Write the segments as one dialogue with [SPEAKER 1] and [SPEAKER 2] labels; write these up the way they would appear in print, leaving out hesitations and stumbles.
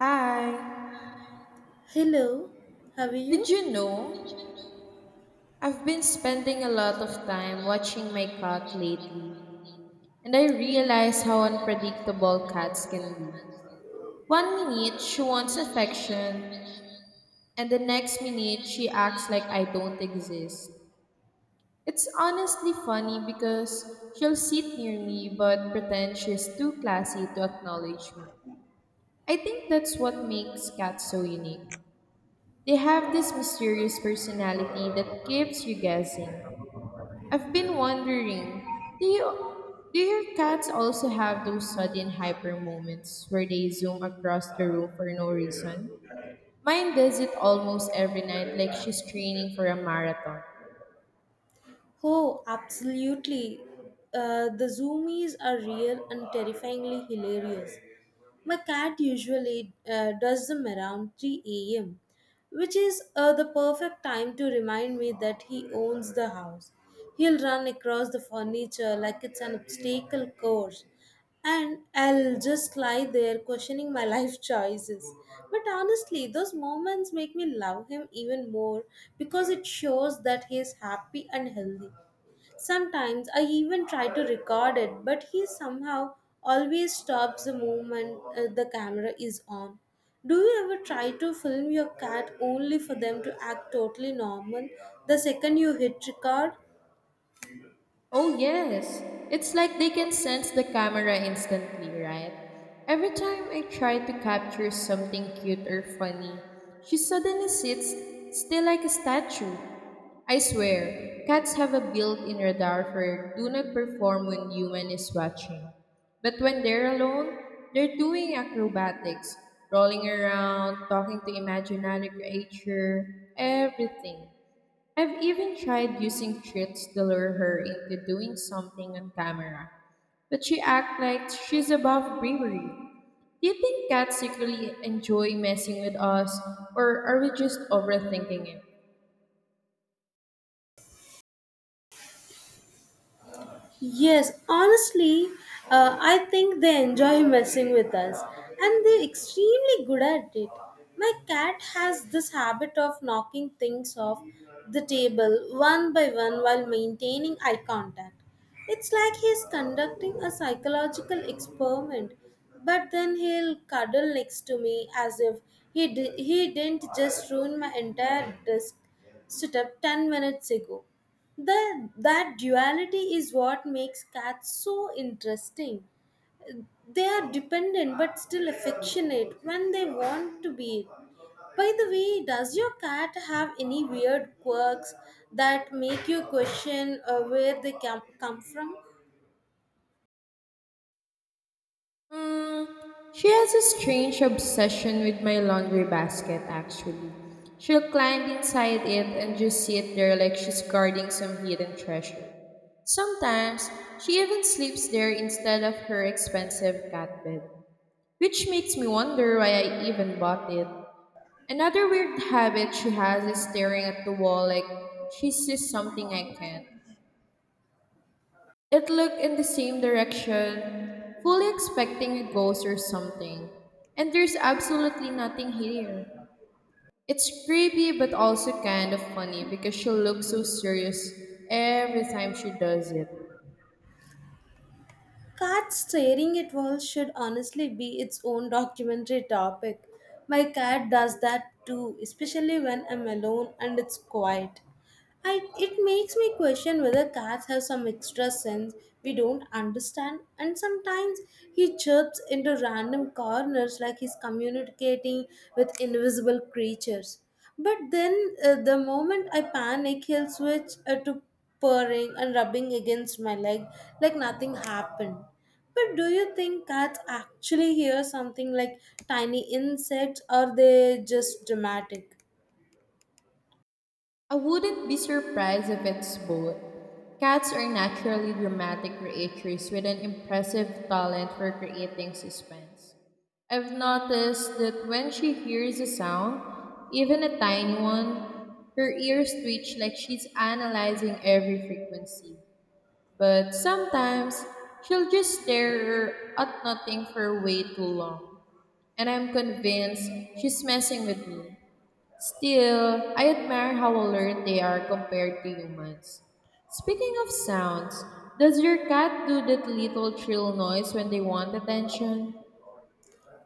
[SPEAKER 1] Hi.
[SPEAKER 2] Hello, how are
[SPEAKER 1] Did
[SPEAKER 2] you?
[SPEAKER 1] you know? I've been spending a lot of time watching my cat lately, and I realize how unpredictable cats can be. One minute she wants affection, and the next minute she acts like I don't exist. It's honestly funny because she'll sit near me but pretend she's too classy to acknowledge me. I think that's what makes cats so unique. They have this mysterious personality that keeps you guessing. I've been wondering, do your cats also have those sudden hyper moments where they zoom across the room for no reason? Mine does it almost every night like she's training for a marathon.
[SPEAKER 2] Oh, absolutely. The zoomies are real and terrifyingly hilarious. My cat usually does them around 3 a.m. which is the perfect time to remind me that he owns the house. He'll run across the furniture like it's an obstacle course, and I'll just lie there questioning my life choices. But honestly, those moments make me love him even more because it shows that he is happy and healthy. Sometimes I even try to record it, but he somehow always stops the moment the camera is on. Do you ever try to film your cat only for them to act totally normal the second you hit record?
[SPEAKER 1] Oh, yes. It's like they can sense the camera instantly, right? Every time I try to capture something cute or funny, she suddenly sits still like a statue. I swear, cats have a built in radar for do not perform when human is watching. But when they're alone, they're doing acrobatics, rolling around, talking to imaginary creature, everything. I've even tried using tricks to lure her into doing something on camera, but she acts like she's above bravery. Do you think cats secretly enjoy messing with us, or are we just overthinking it?
[SPEAKER 2] Yes, honestly, I think they enjoy messing with us and they're extremely good at it. My cat has this habit of knocking things off the table one by one while maintaining eye contact. It's like he's conducting a psychological experiment, but then he'll cuddle next to me as if he didn't just ruin my entire desk setup 10 minutes ago. That duality is what makes cats so interesting. They are dependent but still affectionate when they want to be. By the way, does your cat have any weird quirks that make you question where they come from?
[SPEAKER 1] Hmm, she has a strange obsession with my laundry basket, actually. She'll climb inside it and just sit there like she's guarding some hidden treasure. Sometimes, she even sleeps there instead of her expensive cat bed, which makes me wonder why I even bought it. Another weird habit she has is staring at the wall like she sees something I can't. It looked in the same direction, fully expecting a ghost or something. And there's absolutely nothing here. It's creepy but also kind of funny because she looks so serious every time she does it.
[SPEAKER 2] Cats staring at walls should honestly be its own documentary topic. My cat does that too, especially when I'm alone and it's quiet. It makes me question whether cats have some extra sense we don't understand, and sometimes he chirps into random corners like he's communicating with invisible creatures. But then, the moment I panic, he'll switch to purring and rubbing against my leg like nothing happened. But do you think cats actually hear something like tiny insects, or they just dramatic?
[SPEAKER 1] I wouldn't be surprised if it's both. Cats are naturally dramatic creatures with an impressive talent for creating suspense. I've noticed that when she hears a sound, even a tiny one, her ears twitch like she's analyzing every frequency. But sometimes, she'll just stare at nothing for way too long, and I'm convinced she's messing with me. Still, I admire how alert they are compared to humans. Speaking of sounds, does your cat do that little trill noise when they want attention?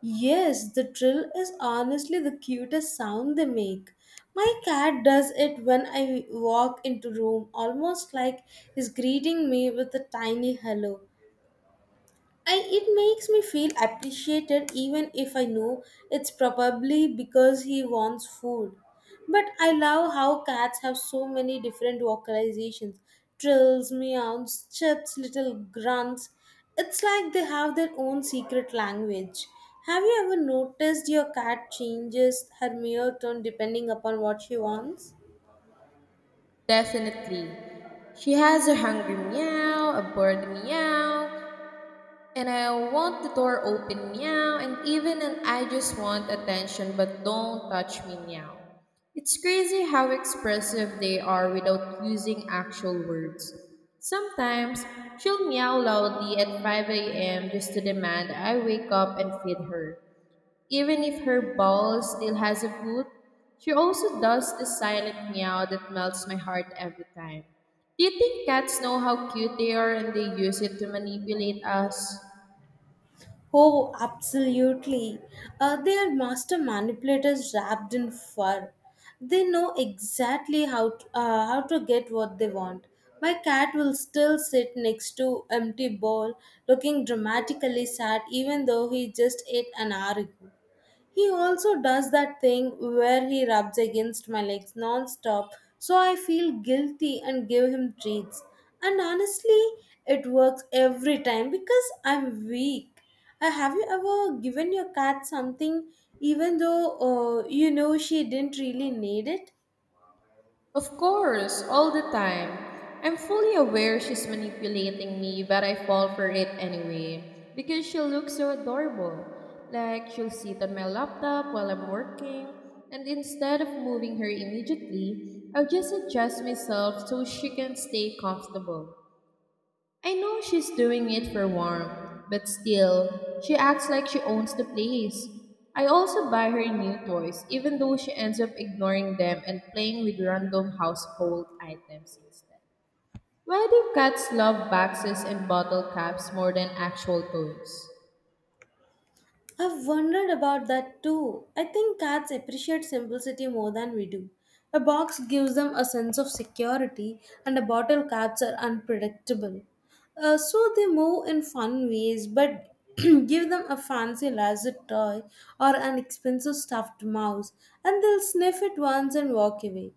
[SPEAKER 2] Yes, the drill is honestly the cutest sound they make. My cat does it when I walk into room, almost like he's greeting me with a tiny hello. It makes me feel appreciated even if I know it's probably because he wants food. But I love how cats have so many different vocalizations trills, meows, chirps, little grunts. It's like they have their own secret language. Have you ever noticed your cat changes her meow tone depending upon what she wants?
[SPEAKER 1] Definitely. She has a hungry meow, a bored meow, and I want the door open meow, and even and I just want attention, but don't touch me meow. It's crazy how expressive they are without using actual words. Sometimes she'll meow loudly at 5 a.m. just to demand I wake up and feed her. Even if her ball still has a foot, she also does the silent meow that melts my heart every time. Do you think cats know how cute they are and they use it to manipulate us?
[SPEAKER 2] Oh, absolutely. They are master manipulators wrapped in fur. They know exactly how to get what they want. My cat will still sit next to empty bowl, looking dramatically sad, even though he just ate an hour ago. He also does that thing where he rubs against my legs non-stop, so I feel guilty and give him treats. And honestly, it works every time because I'm weak. Have you ever given your cat something even though you know she didn't really need it?
[SPEAKER 1] Of course, all the time. I'm fully aware she's manipulating me, but I fall for it anyway, because she looks so adorable. Like, she'll sit on my laptop while I'm working, and instead of moving her immediately, I'll just adjust myself so she can stay comfortable. I know she's doing it for warmth, but still, she acts like she owns the place. I also buy her new toys, even though she ends up ignoring them and playing with random household items instead. Why do cats love boxes and bottle caps more than actual toys?
[SPEAKER 2] I've wondered about that too. I think cats appreciate simplicity more than we do. A box gives them a sense of security, and a bottle cats are unpredictable. So they move in fun ways, but give them a fancy lasso toy or an expensive stuffed mouse, and they'll sniff it once and walk away.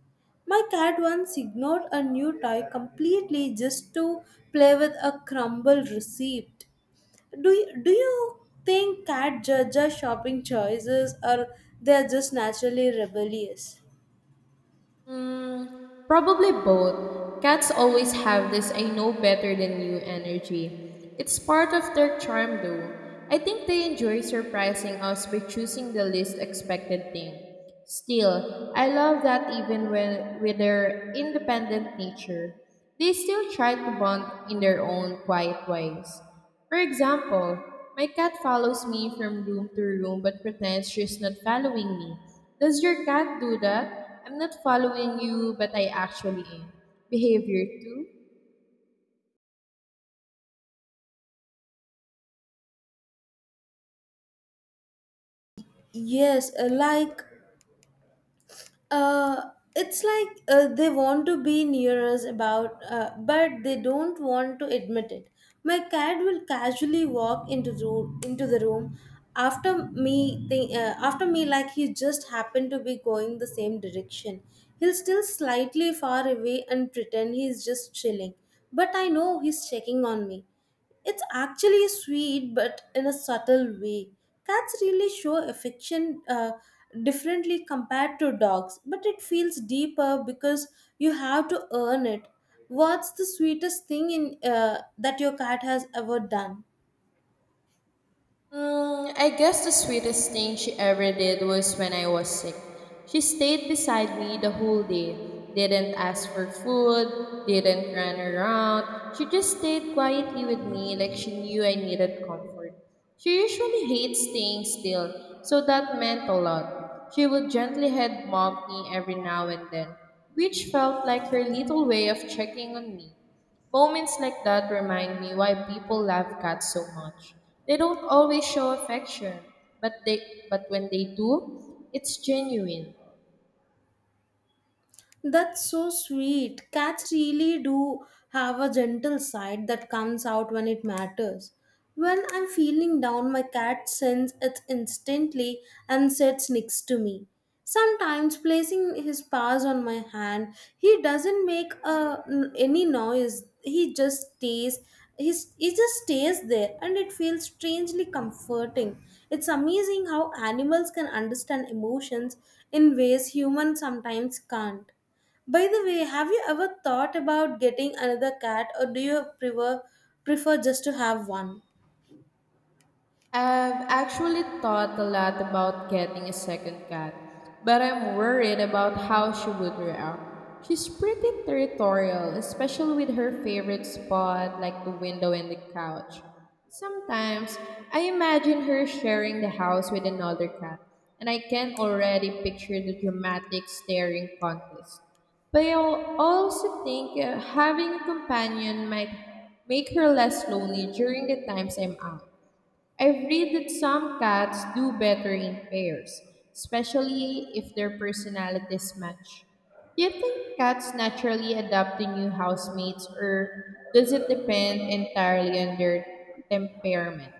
[SPEAKER 2] My cat once ignored a new toy completely just to play with a crumble receipt. Do you think cat judge our shopping choices or they're just naturally rebellious?
[SPEAKER 1] Probably both. Cats always have this I know better than you energy. It's part of their charm though. I think they enjoy surprising us by choosing the least expected thing. Still, I love that even when with their independent nature, they still try to bond in their own quiet ways. For example, my cat follows me from room to room but pretends she's not following me. Does your cat do that? I'm not following you, but I actually am. Behavior two.
[SPEAKER 2] Yes, Uh, it's like they want to be near us, but they don't want to admit it. My cat will casually walk into the room after me, after me, like he just happened to be going the same direction. He'll still slightly far away and pretend he's just chilling, but I know he's checking on me. It's actually sweet, but in a subtle way. Cats really show affection differently compared to dogs, but it feels deeper because you have to earn it. What's the sweetest thing in that your cat has ever done?
[SPEAKER 1] Mm, I guess the sweetest thing she ever did was when I was sick. She stayed beside me the whole day, didn't ask for food, didn't run around. She just stayed quietly with me like she knew I needed comfort. She usually hates staying still, so that meant a lot. She would gently head mob me every now and then, which felt like her little way of checking on me. Moments like that remind me why people love cats so much. They don't always show affection, but they but when they do, it's genuine.
[SPEAKER 2] That's so sweet. Cats really do have a gentle side that comes out when it matters. When I'm feeling down, my cat sends it instantly and sits next to me. Sometimes, placing his paws on my hand, he doesn't any noise. He just stays. He just stays there, and it feels strangely comforting. It's amazing how animals can understand emotions in ways humans sometimes can't. By the way, have you ever thought about getting another cat or do you prefer just to have one?
[SPEAKER 1] I've actually thought a lot about getting a second cat, but I'm worried about how she would react. She's pretty territorial, especially with her favorite spot like the window and the couch. Sometimes I imagine her sharing the house with another cat, and I can already picture the dramatic staring contest. But I also think having a companion might make her less lonely during the times I'm out. I've read that some cats do better in pairs, especially if their personalities match. Do you think cats naturally adapt to new housemates, or does it depend entirely on their temperament?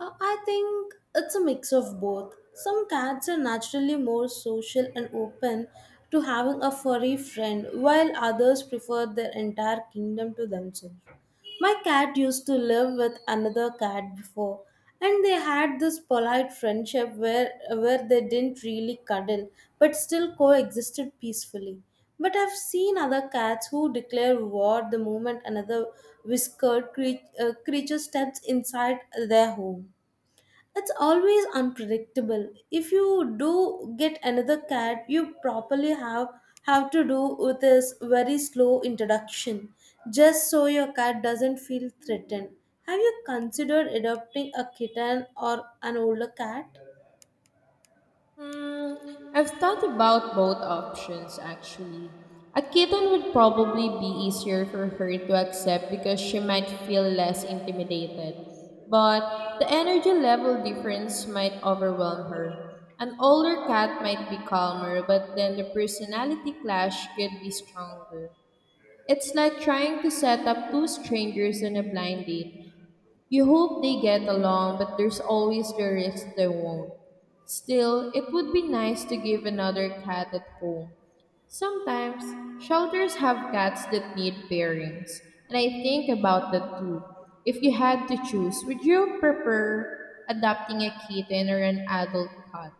[SPEAKER 2] I think it's a mix of both. Some cats are naturally more social and open to having a furry friend, while others prefer their entire kingdom to themselves. My cat used to live with another cat before, and they had this polite friendship where they didn't really cuddle but still coexisted peacefully. But I've seen other cats who declare war the moment another whiskered cre creature steps inside their home. It's always unpredictable. If you do get another cat, you probably have to do with this very slow introduction, just so your cat doesn't feel threatened. Have you considered adopting a kitten or an older cat?
[SPEAKER 1] Hmm, I've thought about both options actually. A kitten would probably be easier for her to accept because she might feel less intimidated, but the energy level difference might overwhelm her. An older cat might be calmer, but then the personality clash could be stronger. It's like trying to set up two strangers on a blind date. You hope they get along, but there's always the risk they won't. Still, it would be nice to give another cat at home. Sometimes, shelters have cats that need pairings, and I think about that too. If you had to choose, would you prefer adopting a kitten or an adult cat?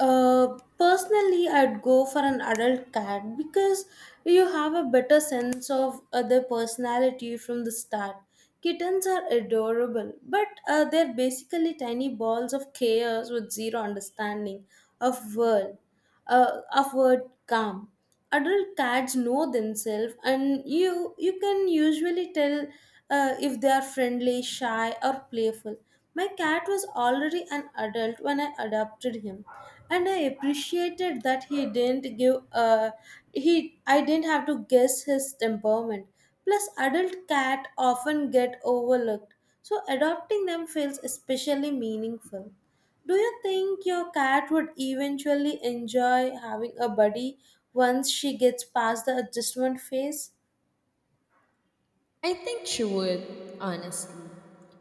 [SPEAKER 2] Personally, I'd go for an adult cat because you have a better sense of their personality from the start. Kittens are adorable, but they're basically tiny balls of chaos with zero understanding of world upward calm. Adult cats know themselves, and you can usually tell if they are friendly, shy, or playful. My cat was already an adult when I adopted him, and I appreciated that he didn't give. He I didn't have to guess his temperament. Plus, adult cat often get overlooked, so adopting them feels especially meaningful. Do you think your cat would eventually enjoy having a buddy once she gets past the adjustment phase?
[SPEAKER 1] I think she would, honestly.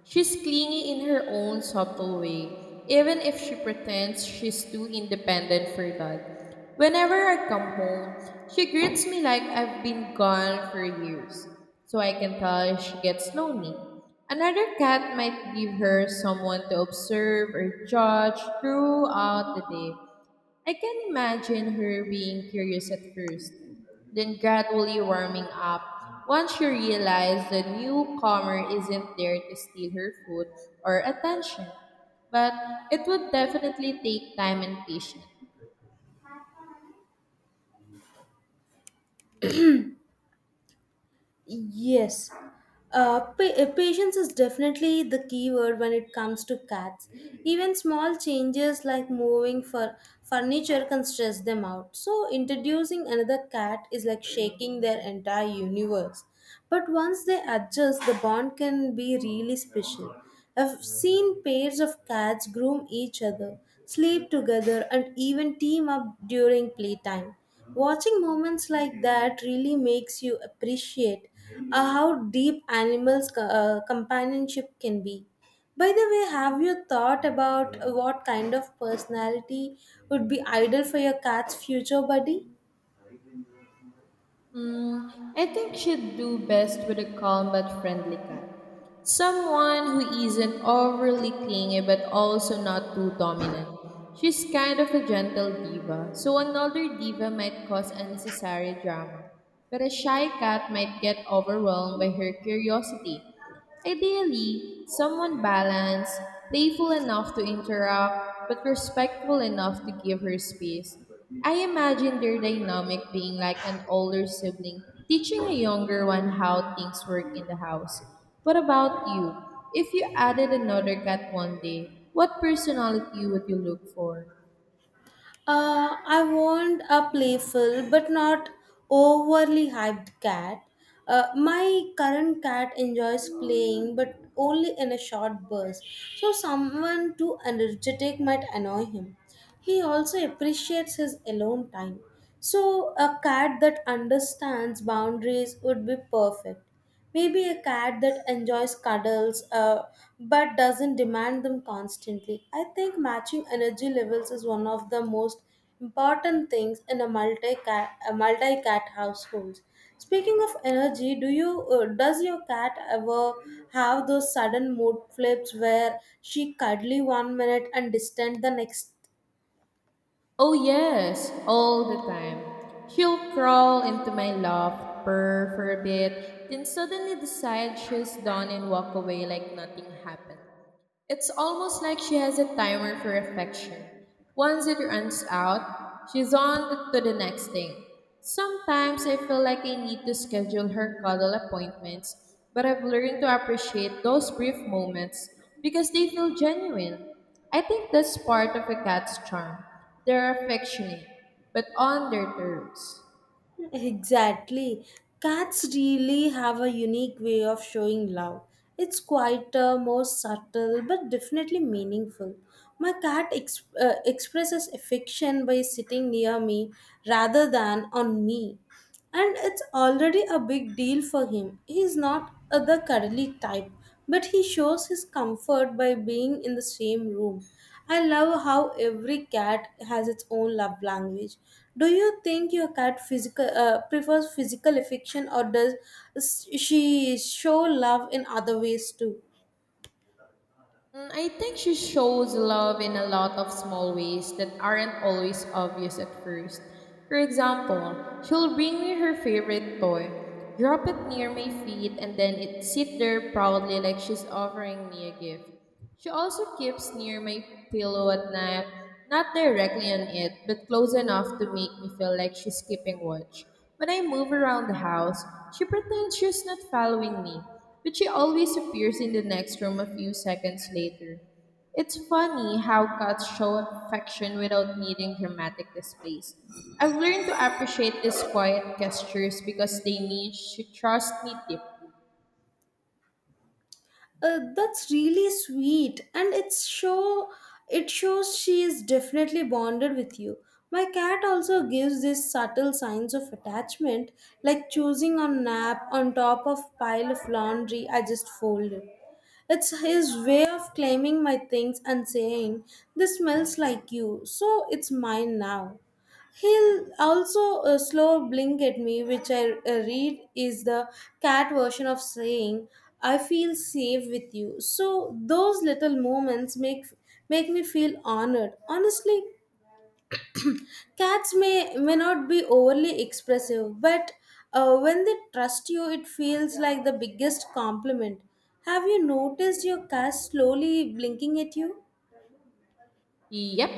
[SPEAKER 1] She's clingy in her own subtle way, even if she pretends she's too independent for that. Whenever I come home, she greets me like I've been gone for years, so I can tell she gets lonely. Another cat might give her someone to observe or judge throughout the day. I can imagine her being curious at first, then gradually warming up once she realized the newcomer isn't there to steal her food or attention. But it would definitely take time and patience.
[SPEAKER 2] Yes. Patience is definitely the key word when it comes to cats. Even small changes like moving for furniture can stress them out. So, introducing another cat is like shaking their entire universe. But once they adjust, the bond can be really special. I've seen pairs of cats groom each other, sleep together, and even team up during playtime. Watching moments like that really makes you appreciate how deep animals' companionship can be. By the way, have you thought about what kind of personality would be ideal for your cat's future buddy?
[SPEAKER 1] Mm, I think she'd do best with a calm but friendly cat. Someone who isn't overly clingy but also not too dominant. She's kind of a gentle diva, so another diva might cause unnecessary drama. But a shy cat might get overwhelmed by her curiosity. Ideally, someone balanced, playful enough to interact, but respectful enough to give her space. I imagine their dynamic being like an older sibling teaching a younger one how things work in the house. What about you? If you added another cat one day, what personality would you look for?
[SPEAKER 2] I want a playful but not overly hyped cat. My current cat enjoys playing but only in a short burst, so someone too energetic might annoy him. He also appreciates his alone time, so a cat that understands boundaries would be perfect. Maybe a cat that enjoys cuddles but doesn't demand them constantly. I think matching energy levels is one of the most important things in a multi cat household. Speaking of energy, do you does your cat ever have those sudden mood flips where she cuddly one minute and distant the next?
[SPEAKER 1] Oh, yes, all the time. She'll crawl into my lap, purr for a bit, then suddenly decide she's done and walk away like nothing happened. It's almost like she has a timer for affection. Once it runs out, she's on to the next thing. Sometimes I feel like I need to schedule her cuddle appointments, but I've learned to appreciate those brief moments because they feel genuine. I think that's part of a cat's charm. They're affectionate, but on their terms.
[SPEAKER 2] Exactly. Cats really have a unique way of showing love. It's quieter, more subtle, but definitely meaningful. My cat expresses affection by sitting near me rather than on me. And it's already a big deal for him. He's not the cuddly type, but he shows his comfort by being in the same room. I love how every cat has its own love language. Do you think your cat physical prefers physical affection or does she show love in other ways too?
[SPEAKER 1] Mm, I think she shows love in a lot of small ways that aren't always obvious at first. For example, she'll bring me her favorite toy, drop it near my feet, and then it sit there proudly like she's offering me a gift. She also keeps near my pillow at night, not directly on it, but close enough to make me feel like she's keeping watch. When I move around the house, she pretends she's not following me, but she always appears in the next room a few seconds later. It's funny how cats show affection without needing dramatic displays. I've learned to appreciate these quiet gestures because they mean she trusts me deeply.
[SPEAKER 2] That's really sweet, and it shows she is definitely bonded with you. My cat also gives these subtle signs of attachment, like choosing a nap on top of pile of laundry I just folded. It's his way of claiming my things and saying, "This smells like you, so it's mine now." He'll also slow blink at me, which I read is the cat version of saying, "I feel safe with you." So those little moments make me feel honored. Honestly, cats may not be overly expressive, but when they trust you, it feels like the biggest compliment. Have you noticed your cat slowly blinking at you?
[SPEAKER 1] Yep.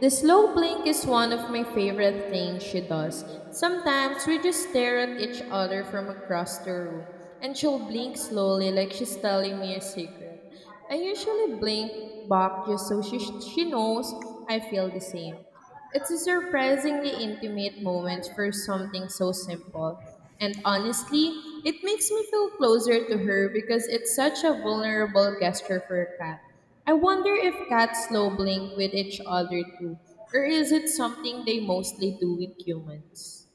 [SPEAKER 1] The slow blink is one of my favorite things she does. Sometimes we just stare at each other from across the room, and she'll blink slowly like she's telling me a secret. I usually blink back just so she knows I feel the same. It's a surprisingly intimate moment for something so simple. And honestly, it makes me feel closer to her because it's such a vulnerable gesture for a cat. I wonder if cats slow blink with each other too, or is it something they mostly do with humans?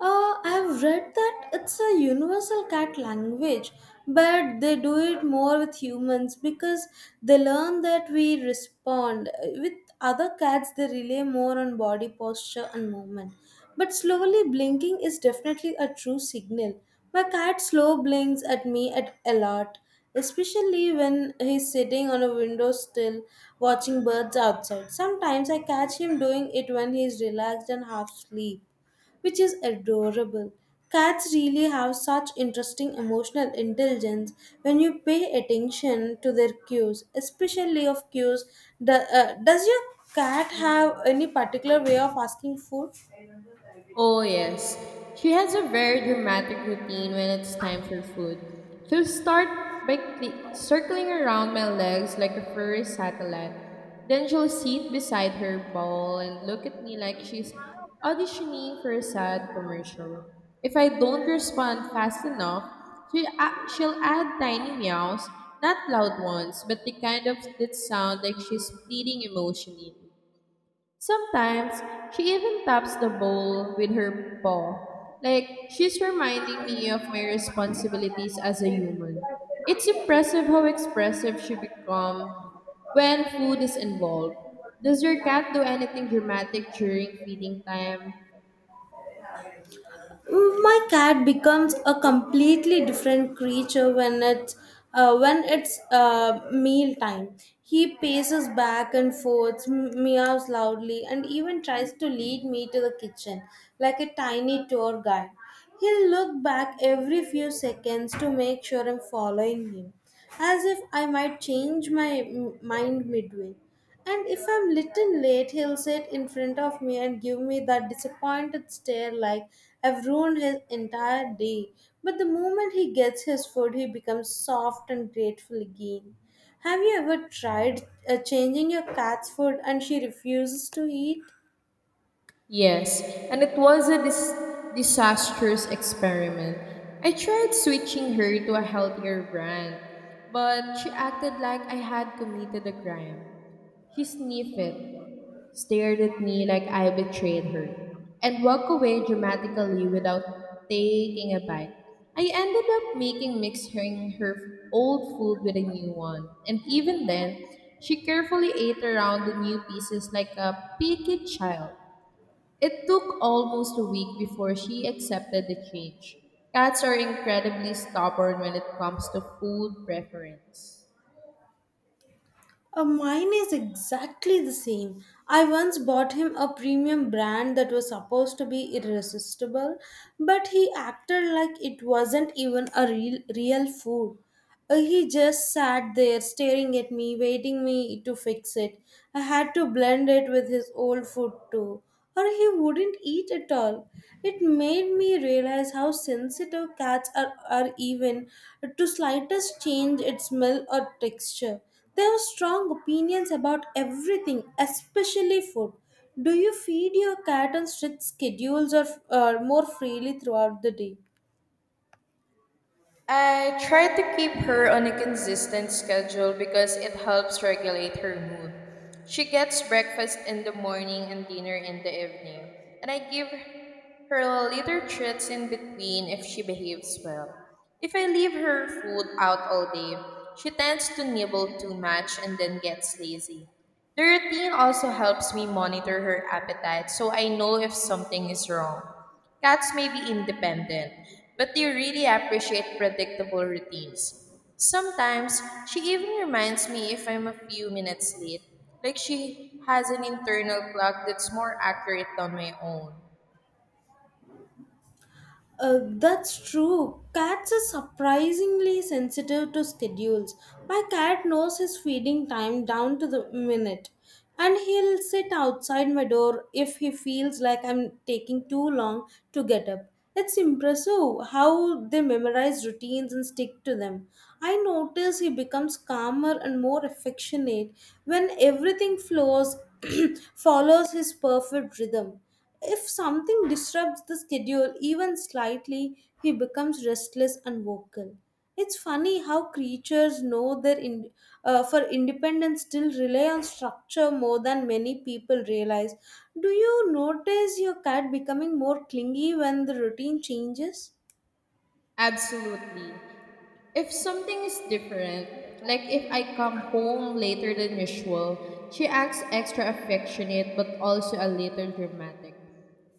[SPEAKER 2] I've read that it's a universal cat language, but they do it more with humans because they learn that we respond. With other cats, they rely more on body posture and movement. But slowly blinking is definitely a true signal. My cat slow blinks at me at a lot, especially when he's sitting on a window sill watching birds outside. Sometimes I catch him doing it when he's relaxed and half asleep which is adorable. Cats really have such interesting emotional intelligence when you pay attention to their cues, especially of cues. Does your cat have any particular way of asking food?
[SPEAKER 1] Oh, yes. She has a very dramatic routine when it's time for food. She'll start by circling around my legs like a furry satellite. Then she'll sit beside her bowl and look at me like she's auditioning for a sad commercial. If I don't respond fast enough, she, a she'll add tiny meows, not loud ones, but the kind of that sound like she's pleading emotionally. Sometimes she even taps the bowl with her paw, like she's reminding me of my responsibilities as a human. It's impressive how expressive she becomes when food is involved. Does your cat do anything dramatic during feeding time?
[SPEAKER 2] My cat becomes a completely different creature when it's meal time. He paces back and forth, meows loudly, and even tries to lead me to the kitchen like a tiny tour guide. He'll look back every few seconds to make sure I'm following him, as if I might change my mind midway. And if I'm little late, he'll sit in front of me and give me that disappointed stare like I've ruined his entire day. But the moment he gets his food, he becomes soft and grateful again. Have you ever tried changing your cat's food and she refuses to eat?
[SPEAKER 1] Yes, and it was disastrous experiment. I tried switching her to a healthier brand, but she acted like I had committed a crime. She sniffed it, stared at me like I betrayed her, and walked away dramatically without taking a bite. I ended up making mixing her old food with a new one, and even then, she carefully ate around the new pieces like a picky child. It took almost a week before she accepted the change. Cats are incredibly stubborn when it comes to food preference.
[SPEAKER 2] Mine is exactly the same. I once bought him a premium brand that was supposed to be irresistible, but he acted like it wasn't even a real food. He just sat there staring at me, waiting me to fix it. I had to blend it with his old food too, or he wouldn't eat at all. It made me realize how sensitive cats are even to slightest change in smell or texture. They have strong opinions about everything, especially food. Do you feed your cat on strict schedules or more freely throughout the day?
[SPEAKER 1] I try to keep her on a consistent schedule because it helps regulate her mood. She gets breakfast in the morning and dinner in the evening, and I give her little treats in between if she behaves well. If I leave her food out all day, she tends to nibble too much and then gets lazy. The routine also helps me monitor her appetite so I know if something is wrong. Cats may be independent, but they really appreciate predictable routines. Sometimes, she even reminds me if I'm a few minutes late, like she has an internal clock that's more accurate than my own.
[SPEAKER 2] That's true. Cats are surprisingly sensitive to schedules. My cat knows his feeding time down to the minute, and he'll sit outside my door if he feels like I'm taking too long to get up. It's impressive how they memorize routines and stick to them. I notice he becomes calmer and more affectionate when everything flows follows his perfect rhythm. If something disrupts the schedule even slightly, he becomes restless and vocal. It's funny how creatures know their for independence still rely on structure more than many people realize. Do you notice your cat becoming more clingy when the routine changes?
[SPEAKER 1] Absolutely. If something is different, like if I come home later than usual, she acts extra affectionate but also a little dramatic.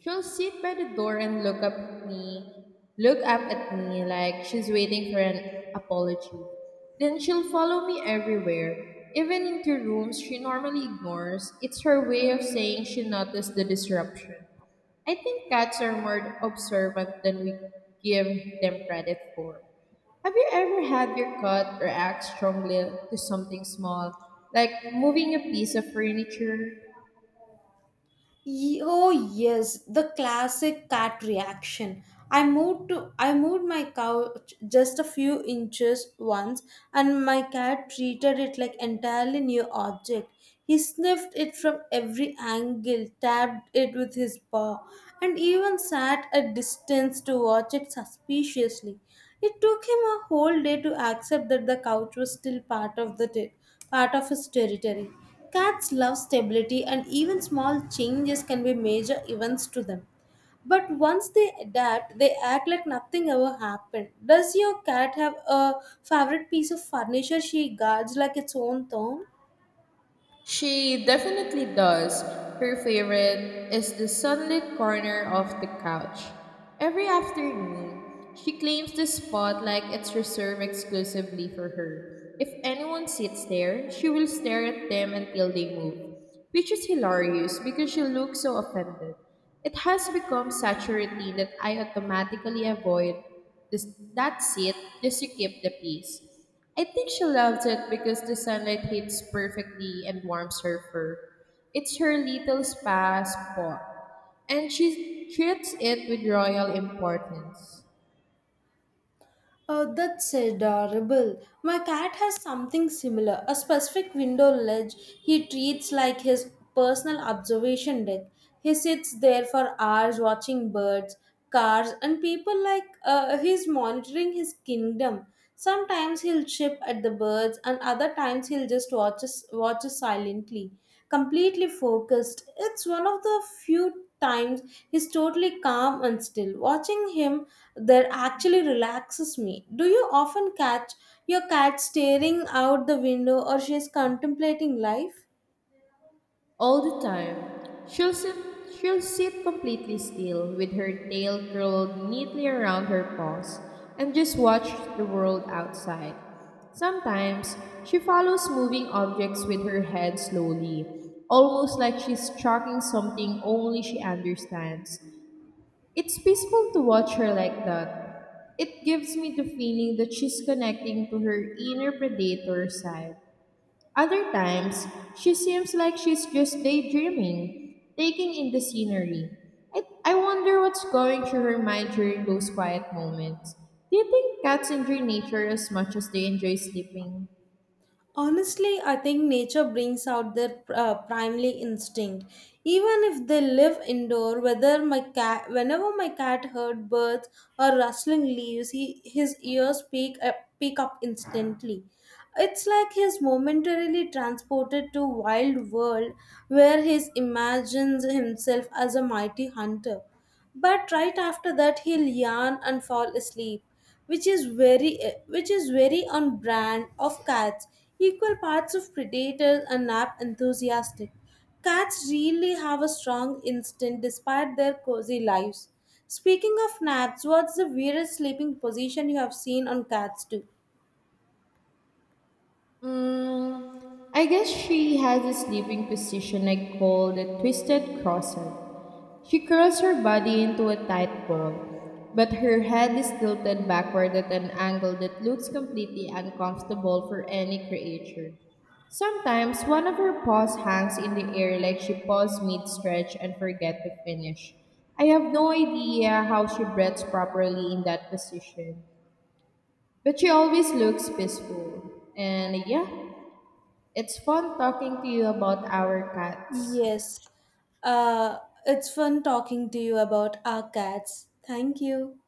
[SPEAKER 1] She'll sit by the door and look up at me like she's waiting for an apology. Then she'll follow me everywhere, even into rooms she normally ignores. It's her way of saying she noticed the disruption. I think cats are more observant than we give them credit for. Have you ever had your cat react strongly to something small, like moving a piece of furniture?
[SPEAKER 2] Oh yes, the classic cat reaction. I moved my couch just a few inches once, and my cat treated it like entirely new object. He sniffed it from every angle, tapped it with his paw, and even sat at distance to watch it suspiciously. It took him a whole day to accept that the couch was still part of part of his territory. Cats love stability, and even small changes can be major events to them. But once they adapt, they act like nothing ever happened. Does your cat have a favorite piece of furniture she guards like its own thumb?
[SPEAKER 1] She definitely does. Her favorite is the sunlit corner of the couch. Every afternoon, she claims the spot like it's reserved exclusively for her. If anyone sits there, she will stare at them until they move, which is hilarious because she looks so offended. It has become such a routine that I automatically avoid this, that seat just to keep the peace. I think she loves it because the sunlight hits perfectly and warms her fur. It's her little spa spot, and she treats it with royal importance.
[SPEAKER 2] Oh, that's adorable. My cat has something similar, a specific window ledge he treats like his personal observation deck. He sits there for hours watching birds, cars, and people like he's monitoring his kingdom. Sometimes he'll chip at the birds, and other times he'll just watch us silently, completely focused. It's one of the few times he's totally calm and still. Watching him there actually relaxes me. Do you often catch your cat staring out the window or she's contemplating life?
[SPEAKER 1] All the time. She'll sit, she'll sit completely still with her tail curled neatly around her paws and just watch the world outside. Sometimes she follows moving objects with her head slowly, almost like she's tracking something only she understands. It's peaceful to watch her like that. It gives me the feeling that she's connecting to her inner predator side. Other times, she seems like she's just daydreaming, taking in the scenery. I wonder what's going through her mind during those quiet moments. Do you think cats enjoy nature as much as they enjoy sleeping?
[SPEAKER 2] Honestly, I think nature brings out their primary instinct. Even if they live indoor, whether whenever my cat heard birds or rustling leaves, he his ears pick up instantly. It's like he's momentarily transported to wild world where he imagines himself as a mighty hunter. But right after that, he'll yawn and fall asleep, which is which is very on brand of cats. Equal parts of predators and nap enthusiastic, cats really have a strong instinct despite their cozy lives. Speaking of naps, what's the weirdest sleeping position you have seen on cats too?
[SPEAKER 1] Mm, I guess she has a sleeping position I call the twisted crosser. She curls her body into a tight ball, but her head is tilted backward at an angle that looks completely uncomfortable for any creature. Sometimes one of her paws hangs in the air like she paused mid stretch and forget to finish. I have no idea how she breathes properly in that position, but she always looks peaceful. And yeah, it's fun talking to you about our cats.
[SPEAKER 2] Yes. uh, it's fun talking to you about our cats. Thank you.